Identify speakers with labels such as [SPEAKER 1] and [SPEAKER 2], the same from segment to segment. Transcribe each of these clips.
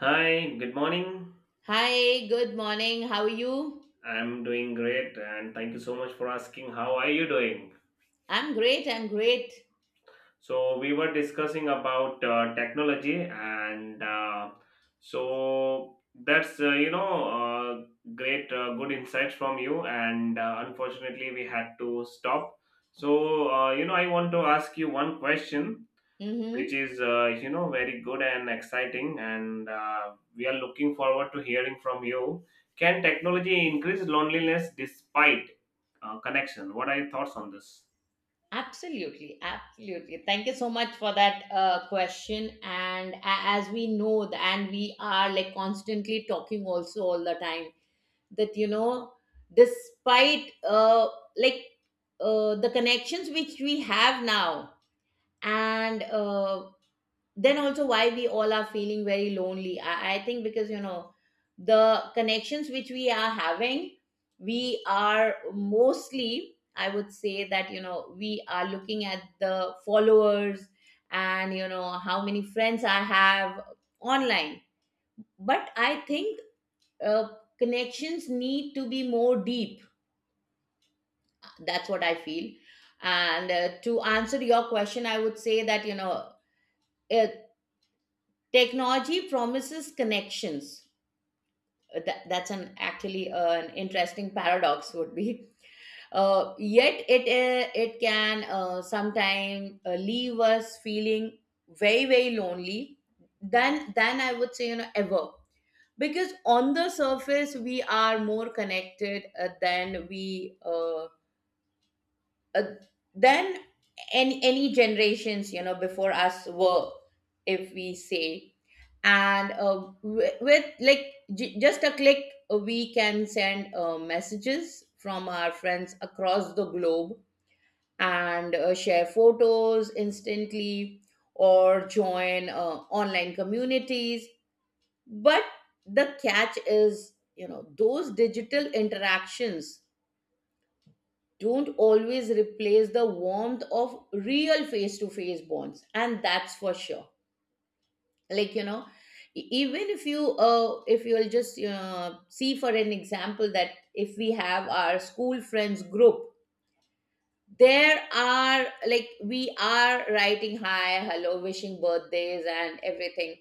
[SPEAKER 1] Hi, good morning.
[SPEAKER 2] Hi, good morning. How are you?
[SPEAKER 1] I'm doing great and thank you so much for asking. How are you doing?
[SPEAKER 2] I'm great.
[SPEAKER 1] So, we were discussing about technology, and so that's you know, great, good insights from you. And unfortunately, we had to stop. So, I want to ask you one question. Which
[SPEAKER 2] Mm-hmm.
[SPEAKER 1] is very good and exciting, and we are looking forward to hearing from you. Can technology increase loneliness despite connection? What are your thoughts on this?
[SPEAKER 2] Absolutely. Absolutely. Thank you so much for that question. As we know, th- and we are like constantly talking also all the time that, you know, despite like the connections which we have now, and then also why we all are feeling very lonely. I think, because you know, the connections which we are having, we are mostly, I would say that you know, we are looking at the followers and, you know, how many friends I have online. But I think uh, connections need to be more deep. That's what I feel. And to answer your question, I would say that you know, uh, technology promises connections. That's an actually an interesting paradox. Would be yet it it can sometimes leave us feeling very, very lonely than I would say, you know, ever. Because on the surface, we are more connected than we uh, then any generations, you know, before us were, if we say. And with like just a click, we can send messages from our friends across the globe, and share photos instantly, or join online communities. But the catch is, you know, those digital interactions don't always replace the warmth of real face to face bonds. And that's for sure. Like, you know, even if you if you'll just see for an example, that if we have our school friends group, there are like, we are writing hi, hello, wishing birthdays and everything.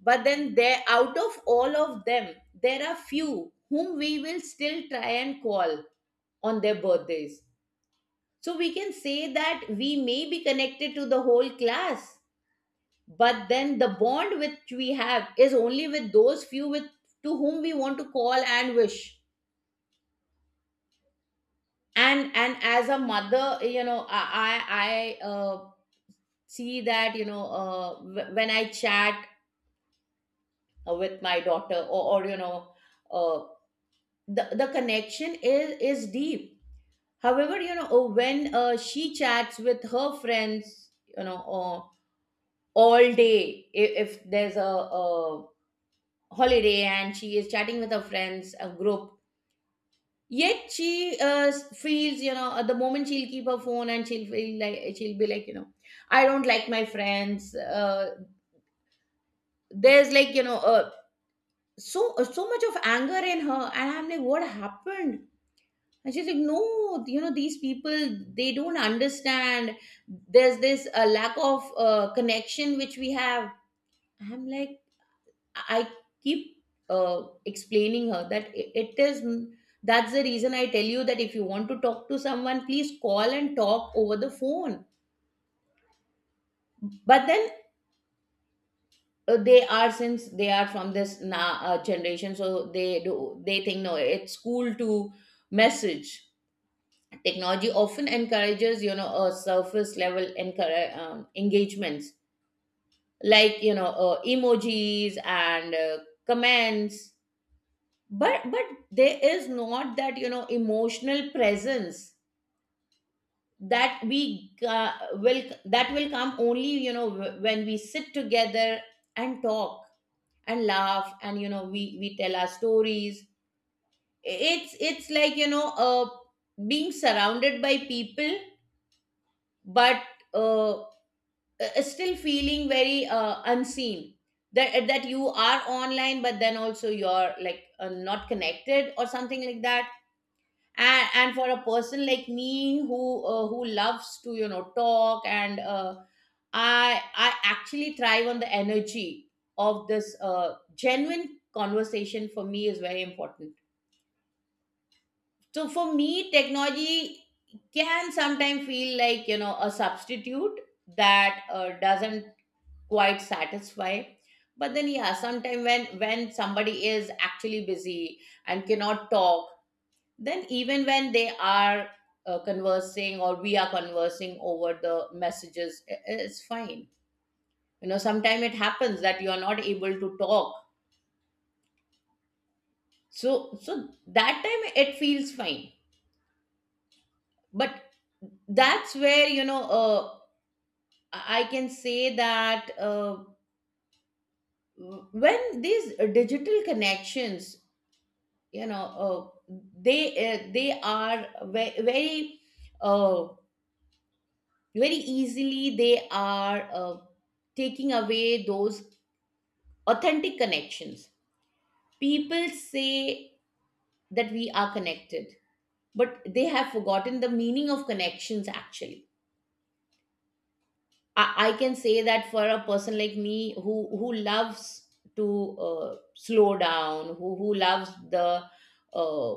[SPEAKER 2] But then there, out of all of them, there are few whom we will still try and call on their birthdays. So we can say that we may be connected to the whole class, but then the bond which we have is only with those few with, to whom we want to call and wish. And as a mother, you know, I see that, you know, when I chat with my daughter, or you know, uh, the connection is deep. However, you know, when she chats with her friends, you know. All day, if there's a holiday and she is chatting with her friends, a group, yet she feels, you know, at the moment she'll keep her phone and she'll feel like, she'll be like, you know, I don't like my friends. There's like, you know, so so much of anger in her, and I'm like, what happened? And she's like, no, you know, these people, they don't understand. There's this lack of connection which we have. I'm like, I keep explaining her that it is, that's the reason I tell you that if you want to talk to someone, please call and talk over the phone. But then they are, since they are from this generation, so they do, they think, no, it's cool to message. Technology often encourages, you know, a surface level engagements, like, you know, emojis and comments. But there is not that, you know, emotional presence, that we will, that will come only, you know, when we sit together and talk and laugh and, you know, we tell our stories. It's like, you know, being surrounded by people, but uh still feeling very unseen. That you are online, but then also you're like not connected or something like that. And for a person like me, who loves to, you know, talk, and I actually thrive on the energy of this genuine conversation. For me is very important. So for me, technology can sometimes feel like, you know, a substitute that doesn't quite satisfy. But then, yeah, sometimes when somebody is actually busy and cannot talk, then even when they are conversing, or we are conversing over the messages, it's fine. You know, sometimes it happens that you are not able to talk. So that time it feels fine. But that's where, you know, I can say that when these digital connections, you know, they uh, they are very, very uh, very easily, they are taking away those authentic connections. People say that we are connected, but they have forgotten the meaning of connections, actually. I can say that for a person like me who loves to slow down, who loves the uh,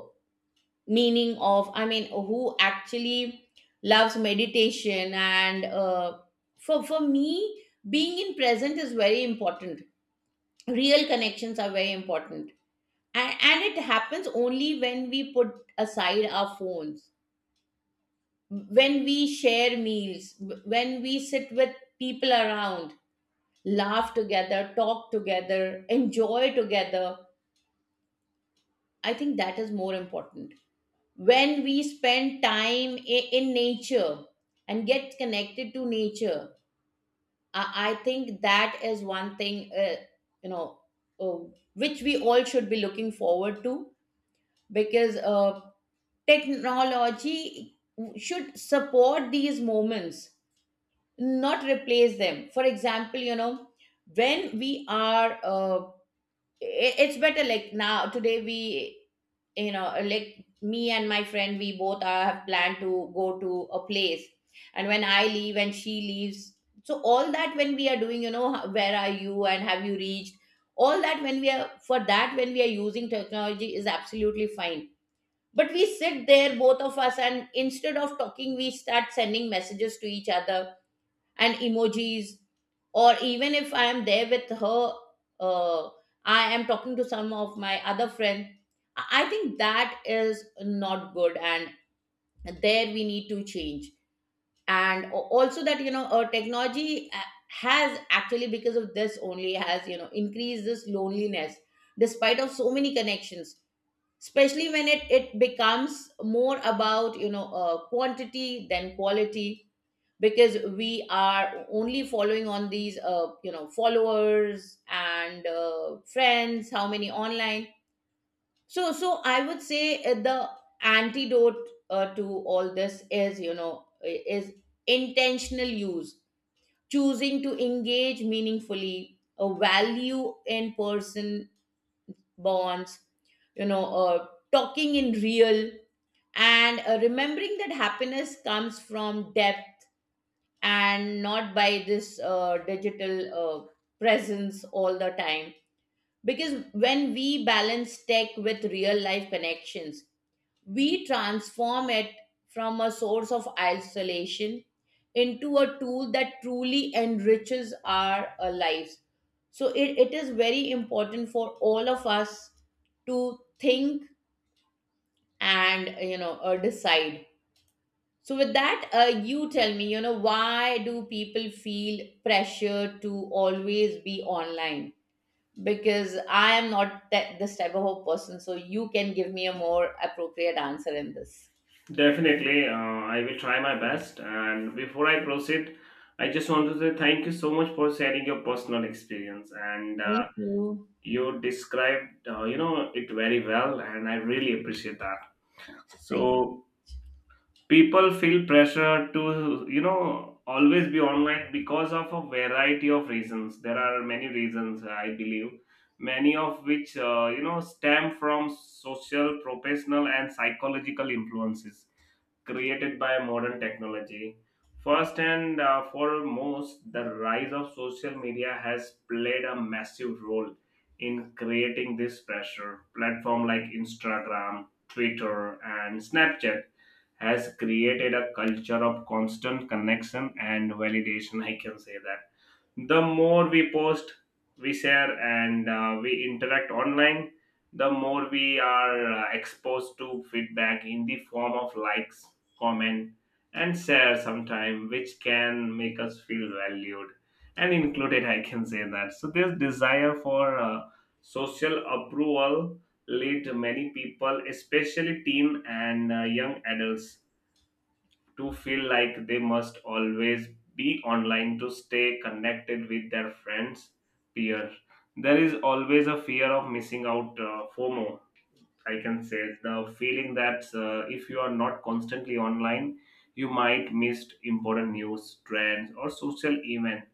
[SPEAKER 2] meaning of, I mean, who actually loves meditation, and for me, being in present is very important. Real connections are very important. And it happens only when we put aside our phones, when we share meals, when we sit with people around, laugh together, talk together, enjoy together. I think that is more important. When we spend time in nature and get connected to nature, I think that is one thing, you know, uh, which we all should be looking forward to. Because technology should support these moments, not replace them. For example, you know, when we are, it's better like, now, today we, you know, like, me and my friend, we both are, have planned to go to a place. And when I leave and she leaves, so all that, when we are doing, you know, where are you and have you reached? All that, when we are, for that, when we are using technology, is absolutely fine. But we sit there, both of us, and instead of talking we start sending messages to each other and emojis. Or even if I am there with her, uh, I am talking to some of my other friends. I think that is not good, and there we need to change. And also that, you know, technology has actually, because of this only, has, you know, increased this loneliness despite of so many connections. Especially when it becomes more about, you know, quantity than quality, because we are only following on these you know, followers and friends, how many online. So I would say, the antidote to all this is, you know, is intentional use, choosing to engage meaningfully, a value in person bonds, you know, talking in real, and remembering that happiness comes from depth and not by this digital presence all the time. Because when we balance tech with real life connections, we transform it from a source of isolation into a tool that truly enriches our lives. So it is very important for all of us to think and, you know, decide. So with that, you tell me, you know, why do people feel pressure to always be online? Because I am not that, this type of a person, so you can give me a more appropriate answer in this.
[SPEAKER 1] Definitely, I will try my best, and before I proceed, I just want to say thank you so much for sharing your personal experience. And
[SPEAKER 2] Thank you.
[SPEAKER 1] you described it very well, and I really appreciate that.
[SPEAKER 2] Thank
[SPEAKER 1] So people feel pressure to, you know, always be online because of a variety of reasons. There are many reasons, I believe, many of which, you know, stem from social, professional and psychological influences created by modern technology. First and foremost, the rise of social media has played a massive role in creating this pressure. Platform like Instagram, Twitter and Snapchat has created a culture of constant connection and validation. I can say that. The more we post, we share, and we interact online, the more we are exposed to feedback in the form of likes, comment, and share sometime, which can make us feel valued and included. I can say that. So this desire for social approval lead many people, especially teen and young adults, to feel like they must always be online to stay connected with their friends, peer. There is always a fear of missing out, fomo, I can say. The feeling that, if you are not constantly online, you might miss important news, trends or social events.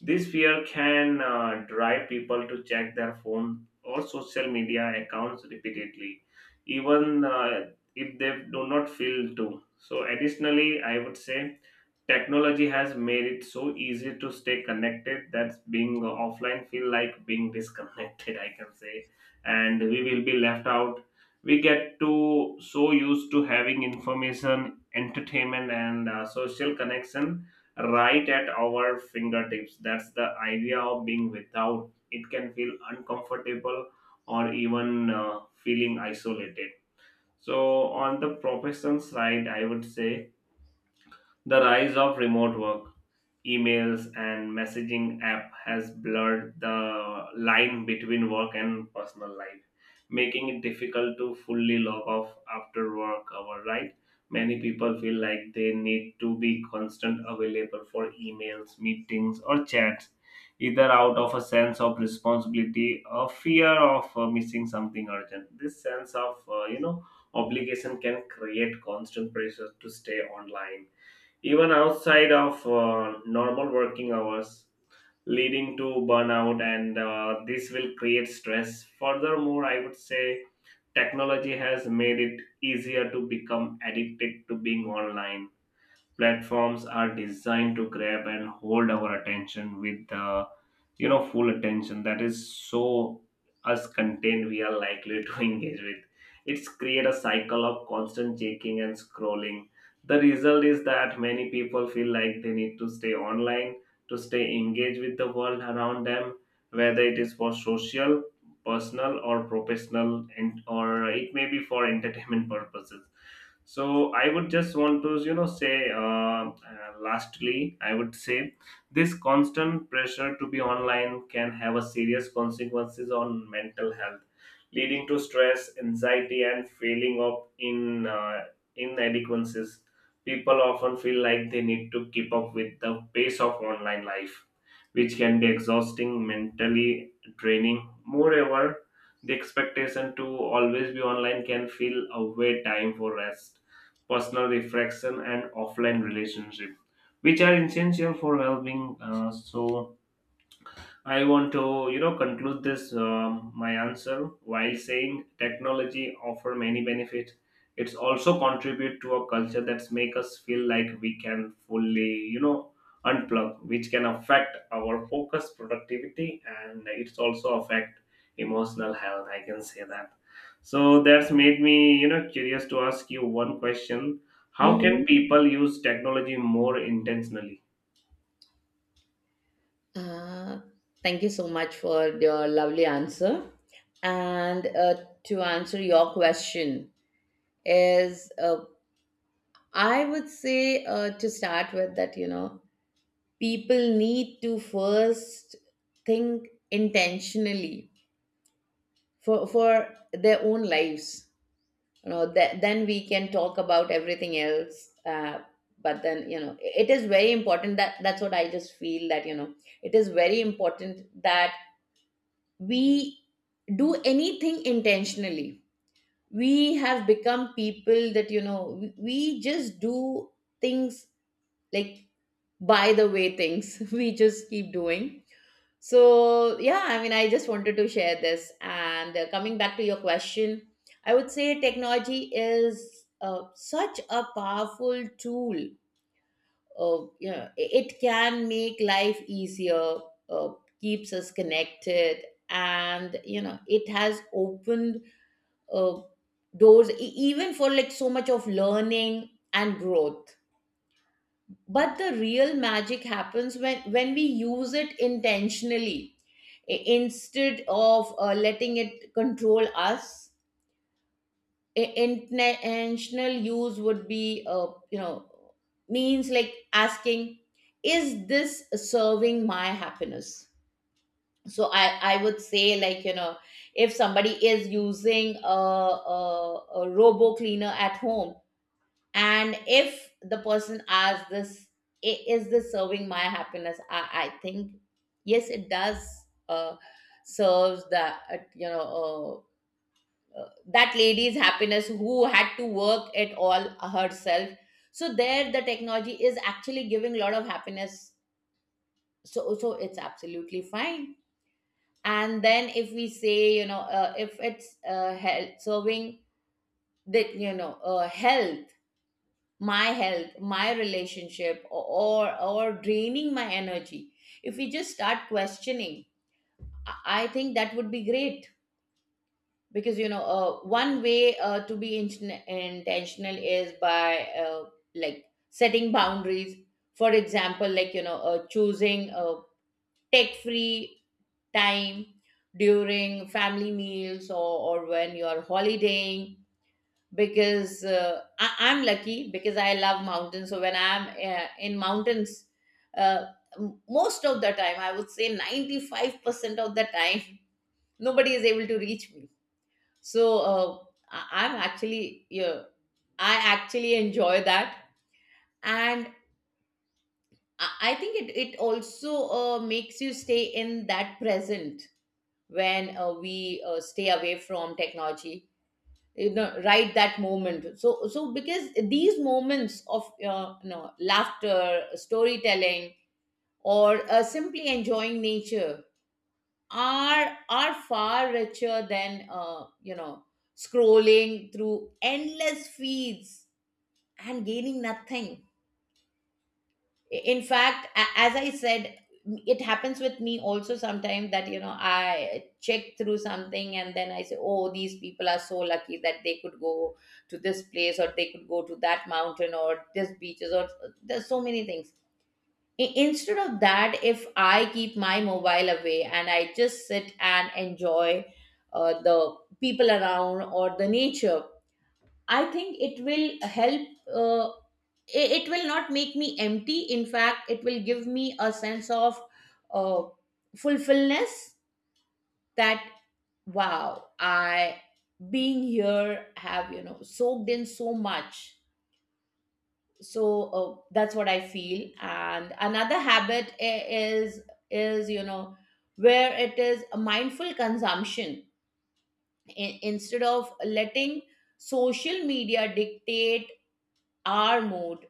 [SPEAKER 1] This fear can drive people to check their phone or social media accounts repeatedly, even if they do not feel to. So, additionally, I would say technology has made it so easy to stay connected that being offline feel like being disconnected, I can say, and we will be left out. We get to so used to having information, entertainment, and social connection right at our fingertips. That's the idea of being without. It can feel uncomfortable or even feeling isolated. So, on the profession side, I would say the rise of remote work, emails and messaging app has blurred the line between work and personal life, making it difficult to fully log off after work hour, right? Many people feel like they need to be constant available for emails, meetings or chats, either out of a sense of responsibility or fear of missing something urgent. This sense of, obligation can create constant pressure to stay online, even outside of normal working hours, leading to burnout, and this will create stress. Furthermore, I would say technology has made it easier to become addicted to being online. Platforms are designed to grab and hold our attention with the, you know, full attention that is so us content we are likely to engage with. It's create a cycle of constant checking and scrolling. The result is that many people feel like they need to stay online to stay engaged with the world around them, whether it is for social, personal or professional, and or it may be for entertainment purposes. So I would just want to, you know, say, lastly, I would say this constant pressure to be online can have a serious consequences on mental health, leading to stress, anxiety and feeling of in inadequacies. People often feel like they need to keep up with the pace of online life, which can be exhausting mentally, draining. Moreover, the expectation to always be online can feel away time for rest, personal reflection, and offline relationship, which are essential for well-being. So I want to, you know, conclude this my answer while saying technology offer many benefits. It's also contribute to a culture that's make us feel like we can fully, you know, unplug, which can affect our focus, productivity, and it's also affect emotional health. I can say that. So that's made me, you know, curious to ask you one question: how can
[SPEAKER 2] you.
[SPEAKER 1] people use technology more intentionally?
[SPEAKER 2] Mm-hmm. Thank you so much for your lovely answer. And to answer your question is, I would say, to start with that, you know, people need to first think intentionally for their own lives, you know. That, then we can talk about everything else. But then, you know, it is very important that, that's what I just feel, that you know, it is very important that we do anything intentionally. We have become people that, you know, we just do things, like, by the way, things we just keep doing. So, yeah, I mean, I just wanted to share this. And coming back to your question, I would say technology is such a powerful tool. You know, it can make life easier, uh, keeps us connected, and, you know, it has opened uh, doors, even for like so much of learning and growth. But the real magic happens when we use it intentionally instead of letting it control us. Intentional use would be, you know, means like asking, is this serving my happiness? So I would say, like, you know, if somebody is using a robo cleaner at home, and if the person asks this, "Is this serving my happiness, I think yes it does, serves the, uh, you know uh, that lady's happiness who had to work it all herself. So there the technology is actually giving a lot of happiness, so it's absolutely fine. And then if we say, you know, if it's health serving, that, you know, health, my health, my relationship, or draining my energy, if we just start questioning, i I think that would be great. Because, you know, one way to be intentional is by, like, setting boundaries. For example, like, you know, choosing tech free time during family meals, or when you are holidaying. Because, I'm lucky because I love mountains. So when I'm, in mountains, uh, most of the time, I would say 95% of the time, nobody is able to reach me. So, I'm actually, yeah, I actually enjoy that. And I think it also makes you stay in that present when, we stay away from technology, you know, right that moment. So because these moments of, you know, laughter, storytelling, or, simply enjoying nature, are far richer than, you know, scrolling through endless feeds and gaining nothing. In fact, as I said, it happens with me also sometimes that, you know, I check through something and then I say, oh, these people are so lucky that they could go to this place, or they could go to that mountain, or this beaches, or there's so many things. Instead of that, if I keep my mobile away and I just sit and enjoy the people around or the nature, I think it will help. Uh, it will not make me empty. In fact, it will give me a sense of, uh, fulfillness, that wow, I, being here, have, you know, soaked in so much. So, that's what I feel. And another habit is, you know, where it is a mindful consumption. Instead of letting social media dictate our mode,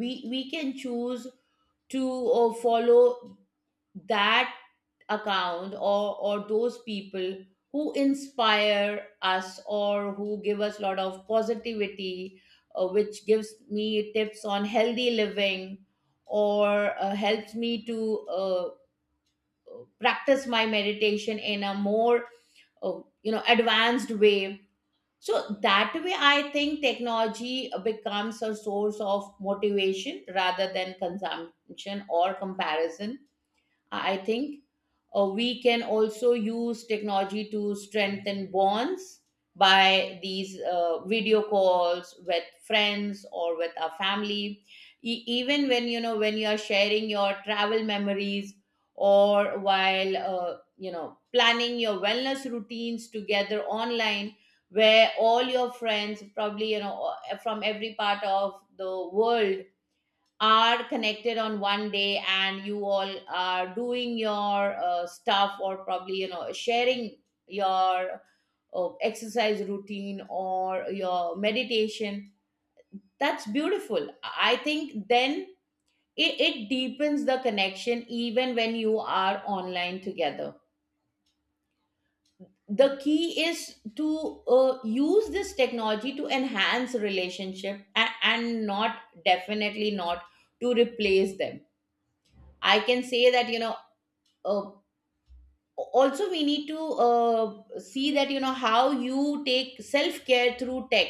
[SPEAKER 2] we can choose to, follow that account, or those people who inspire us or who give us a lot of positivity, which gives me tips on healthy living, or helps me to, practice my meditation in a more, you know, advanced way. So that way, I think technology becomes a source of motivation rather than consumption or comparison. I think we can also use technology to strengthen bonds by these, video calls with friends or with our family. Even when, you know, when you are sharing your travel memories, or while, you know, planning your wellness routines together online, where all your friends, probably, you know, from every part of the world, are connected on one day and you all are doing your, stuff, or probably, you know, sharing your exercise routine or your meditation. That's beautiful. I think then it deepens the connection even when you are online together. The key is to, use this technology to enhance relationship, and not, definitely not, to replace them. I can say that, you know, uh, also we need to, see that, you know, how you take self care through tech.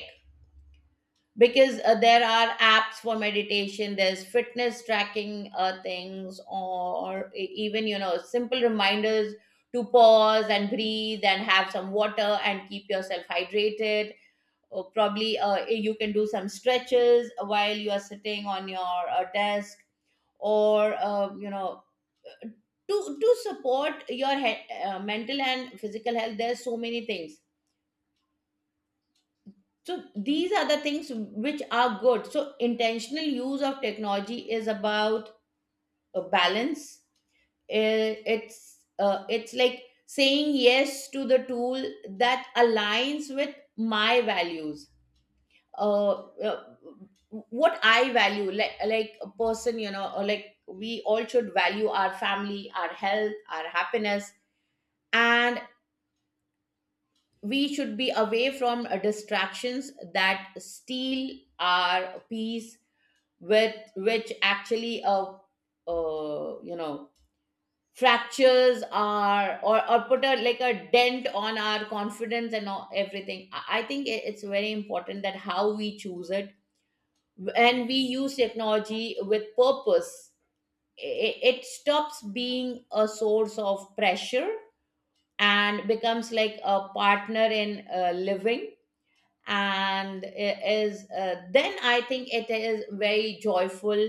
[SPEAKER 2] Because, there are apps for meditation, there's fitness tracking things, or even, you know, simple reminders to pause and breathe and have some water and keep yourself hydrated, or probably, you can do some stretches while you are sitting on your, desk, or, you know, to support your mental and physical health. There's so many things. So these are the things which are good. So intentional use of technology is about a balance. It's it's like saying yes to the tool that aligns with my values, uh, uh, what I value, like, a person, you know, or like, we all should value our family, our health, our happiness. And we should be away from, distractions that steal our peace, with which actually, you know, fractures our, or put a, like, a dent on our confidence and all, everything. I think it's very important that how we choose it, and we use technology with purpose, it stops being a source of pressure and becomes like a partner in, living. And it is, then I think it is very joyful.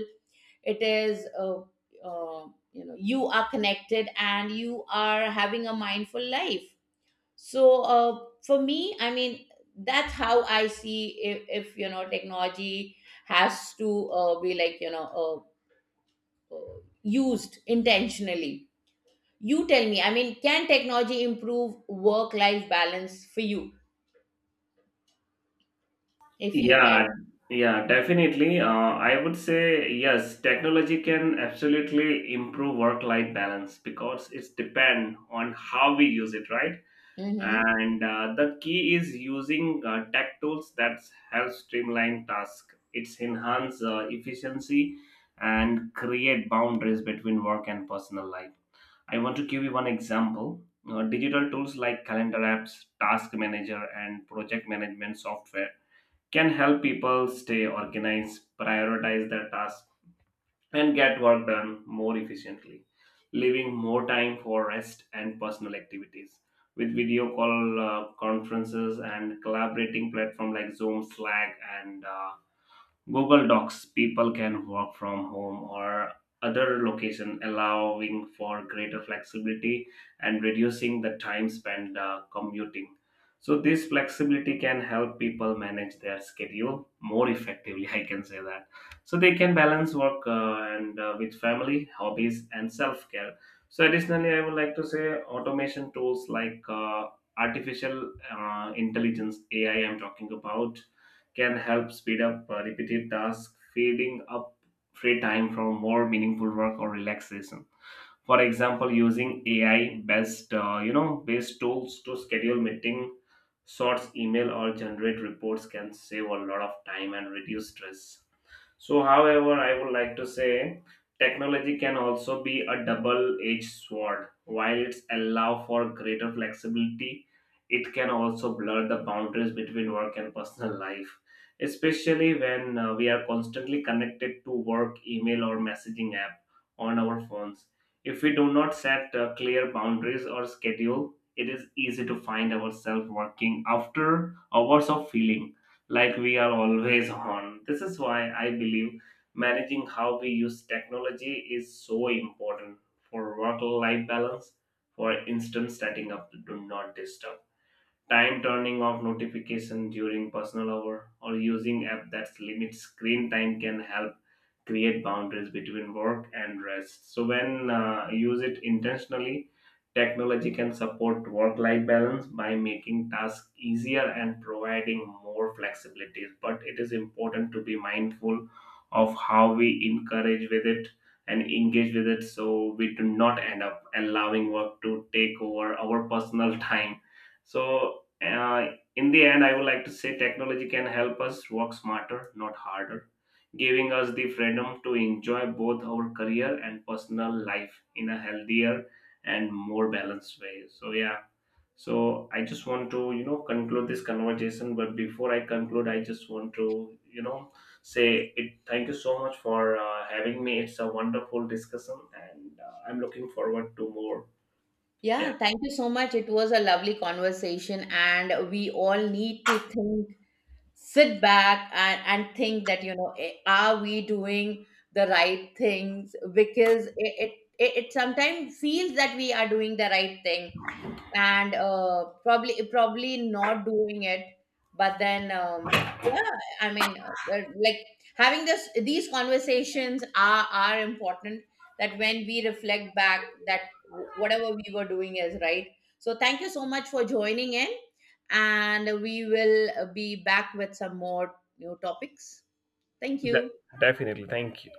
[SPEAKER 2] It is, uh, you know, you are connected and you are having a mindful life. So, for me, I mean, that's how I see, if, you know, technology has to, be, like, you know, used intentionally. You tell me, I mean, can technology improve work life balance for you, if you
[SPEAKER 1] Yeah, yeah, definitely. I would say yes, technology can absolutely improve work-life balance because it's depend on how we use it, right?
[SPEAKER 2] can?
[SPEAKER 1] And the key is using tech tools that help streamline tasks. It's enhance efficiency and create boundaries between work and personal life. I want to give you one example. Digital tools like calendar apps, task manager, and project management software can help people stay organized, prioritize their tasks, and get work done more efficiently, leaving more time for rest and personal activities. With video call conferences and collaborating platforms like Zoom, Slack, and Google Docs, people can work from home or other location, allowing for greater flexibility and reducing the time spent commuting. So, this flexibility can help people manage their schedule more effectively. I can say that. So, they can balance work and with family, hobbies, and self care. So, additionally, I would like to say automation tools like artificial intelligence, AI, I'm talking about, can help speed up repeated tasks, freeing up free time for more meaningful work or relaxation. For example, using AI based, based tools to schedule meeting, sorts email or generate reports can save a lot of time and reduce stress. So, however, I would like to say technology can also be a double-edged sword. While it's allow for greater flexibility, it can also blur the boundaries between work and personal life, especially when we are constantly connected to work, email, or messaging app on our phones. If we do not set clear boundaries or schedule, it is easy to find ourselves working after hours of feeling like we are always on. This is why I believe managing how we use technology is so important for work life balance. For instance, setting up do not disturb time, turning off notification during personal hour or using app that limits screen time can help create boundaries between work and rest. So when use it intentionally, technology can support work life balance by making tasks easier and providing more flexibility, but it is important to be mindful of how we encourage with it and engage with it, so we do not end up allowing work to take over our personal time. So in the end, I would like to say technology can help us work smarter, not harder, giving us the freedom to enjoy both our career and personal life in a healthier and more balanced way. So, yeah. So, I just want to, you know, conclude this conversation. But before I conclude, I just want to, you know, say it. Thank you so much for having me. It's a wonderful discussion, and I'm looking forward to more. Yeah,
[SPEAKER 2] Yeah, thank you so much. It was a lovely conversation, and we all need to think, sit back, and think that, you know, eh, are we doing the right things? Because it sometimes feels that we are doing the right thing, and, probably not doing it. But then, yeah, I mean, well, like, having this these conversations are important, that when we reflect back that whatever we were doing is right. So thank you so much for joining in, and we will, be back with some more new topics. Thank you.
[SPEAKER 1] definitely. Thank you.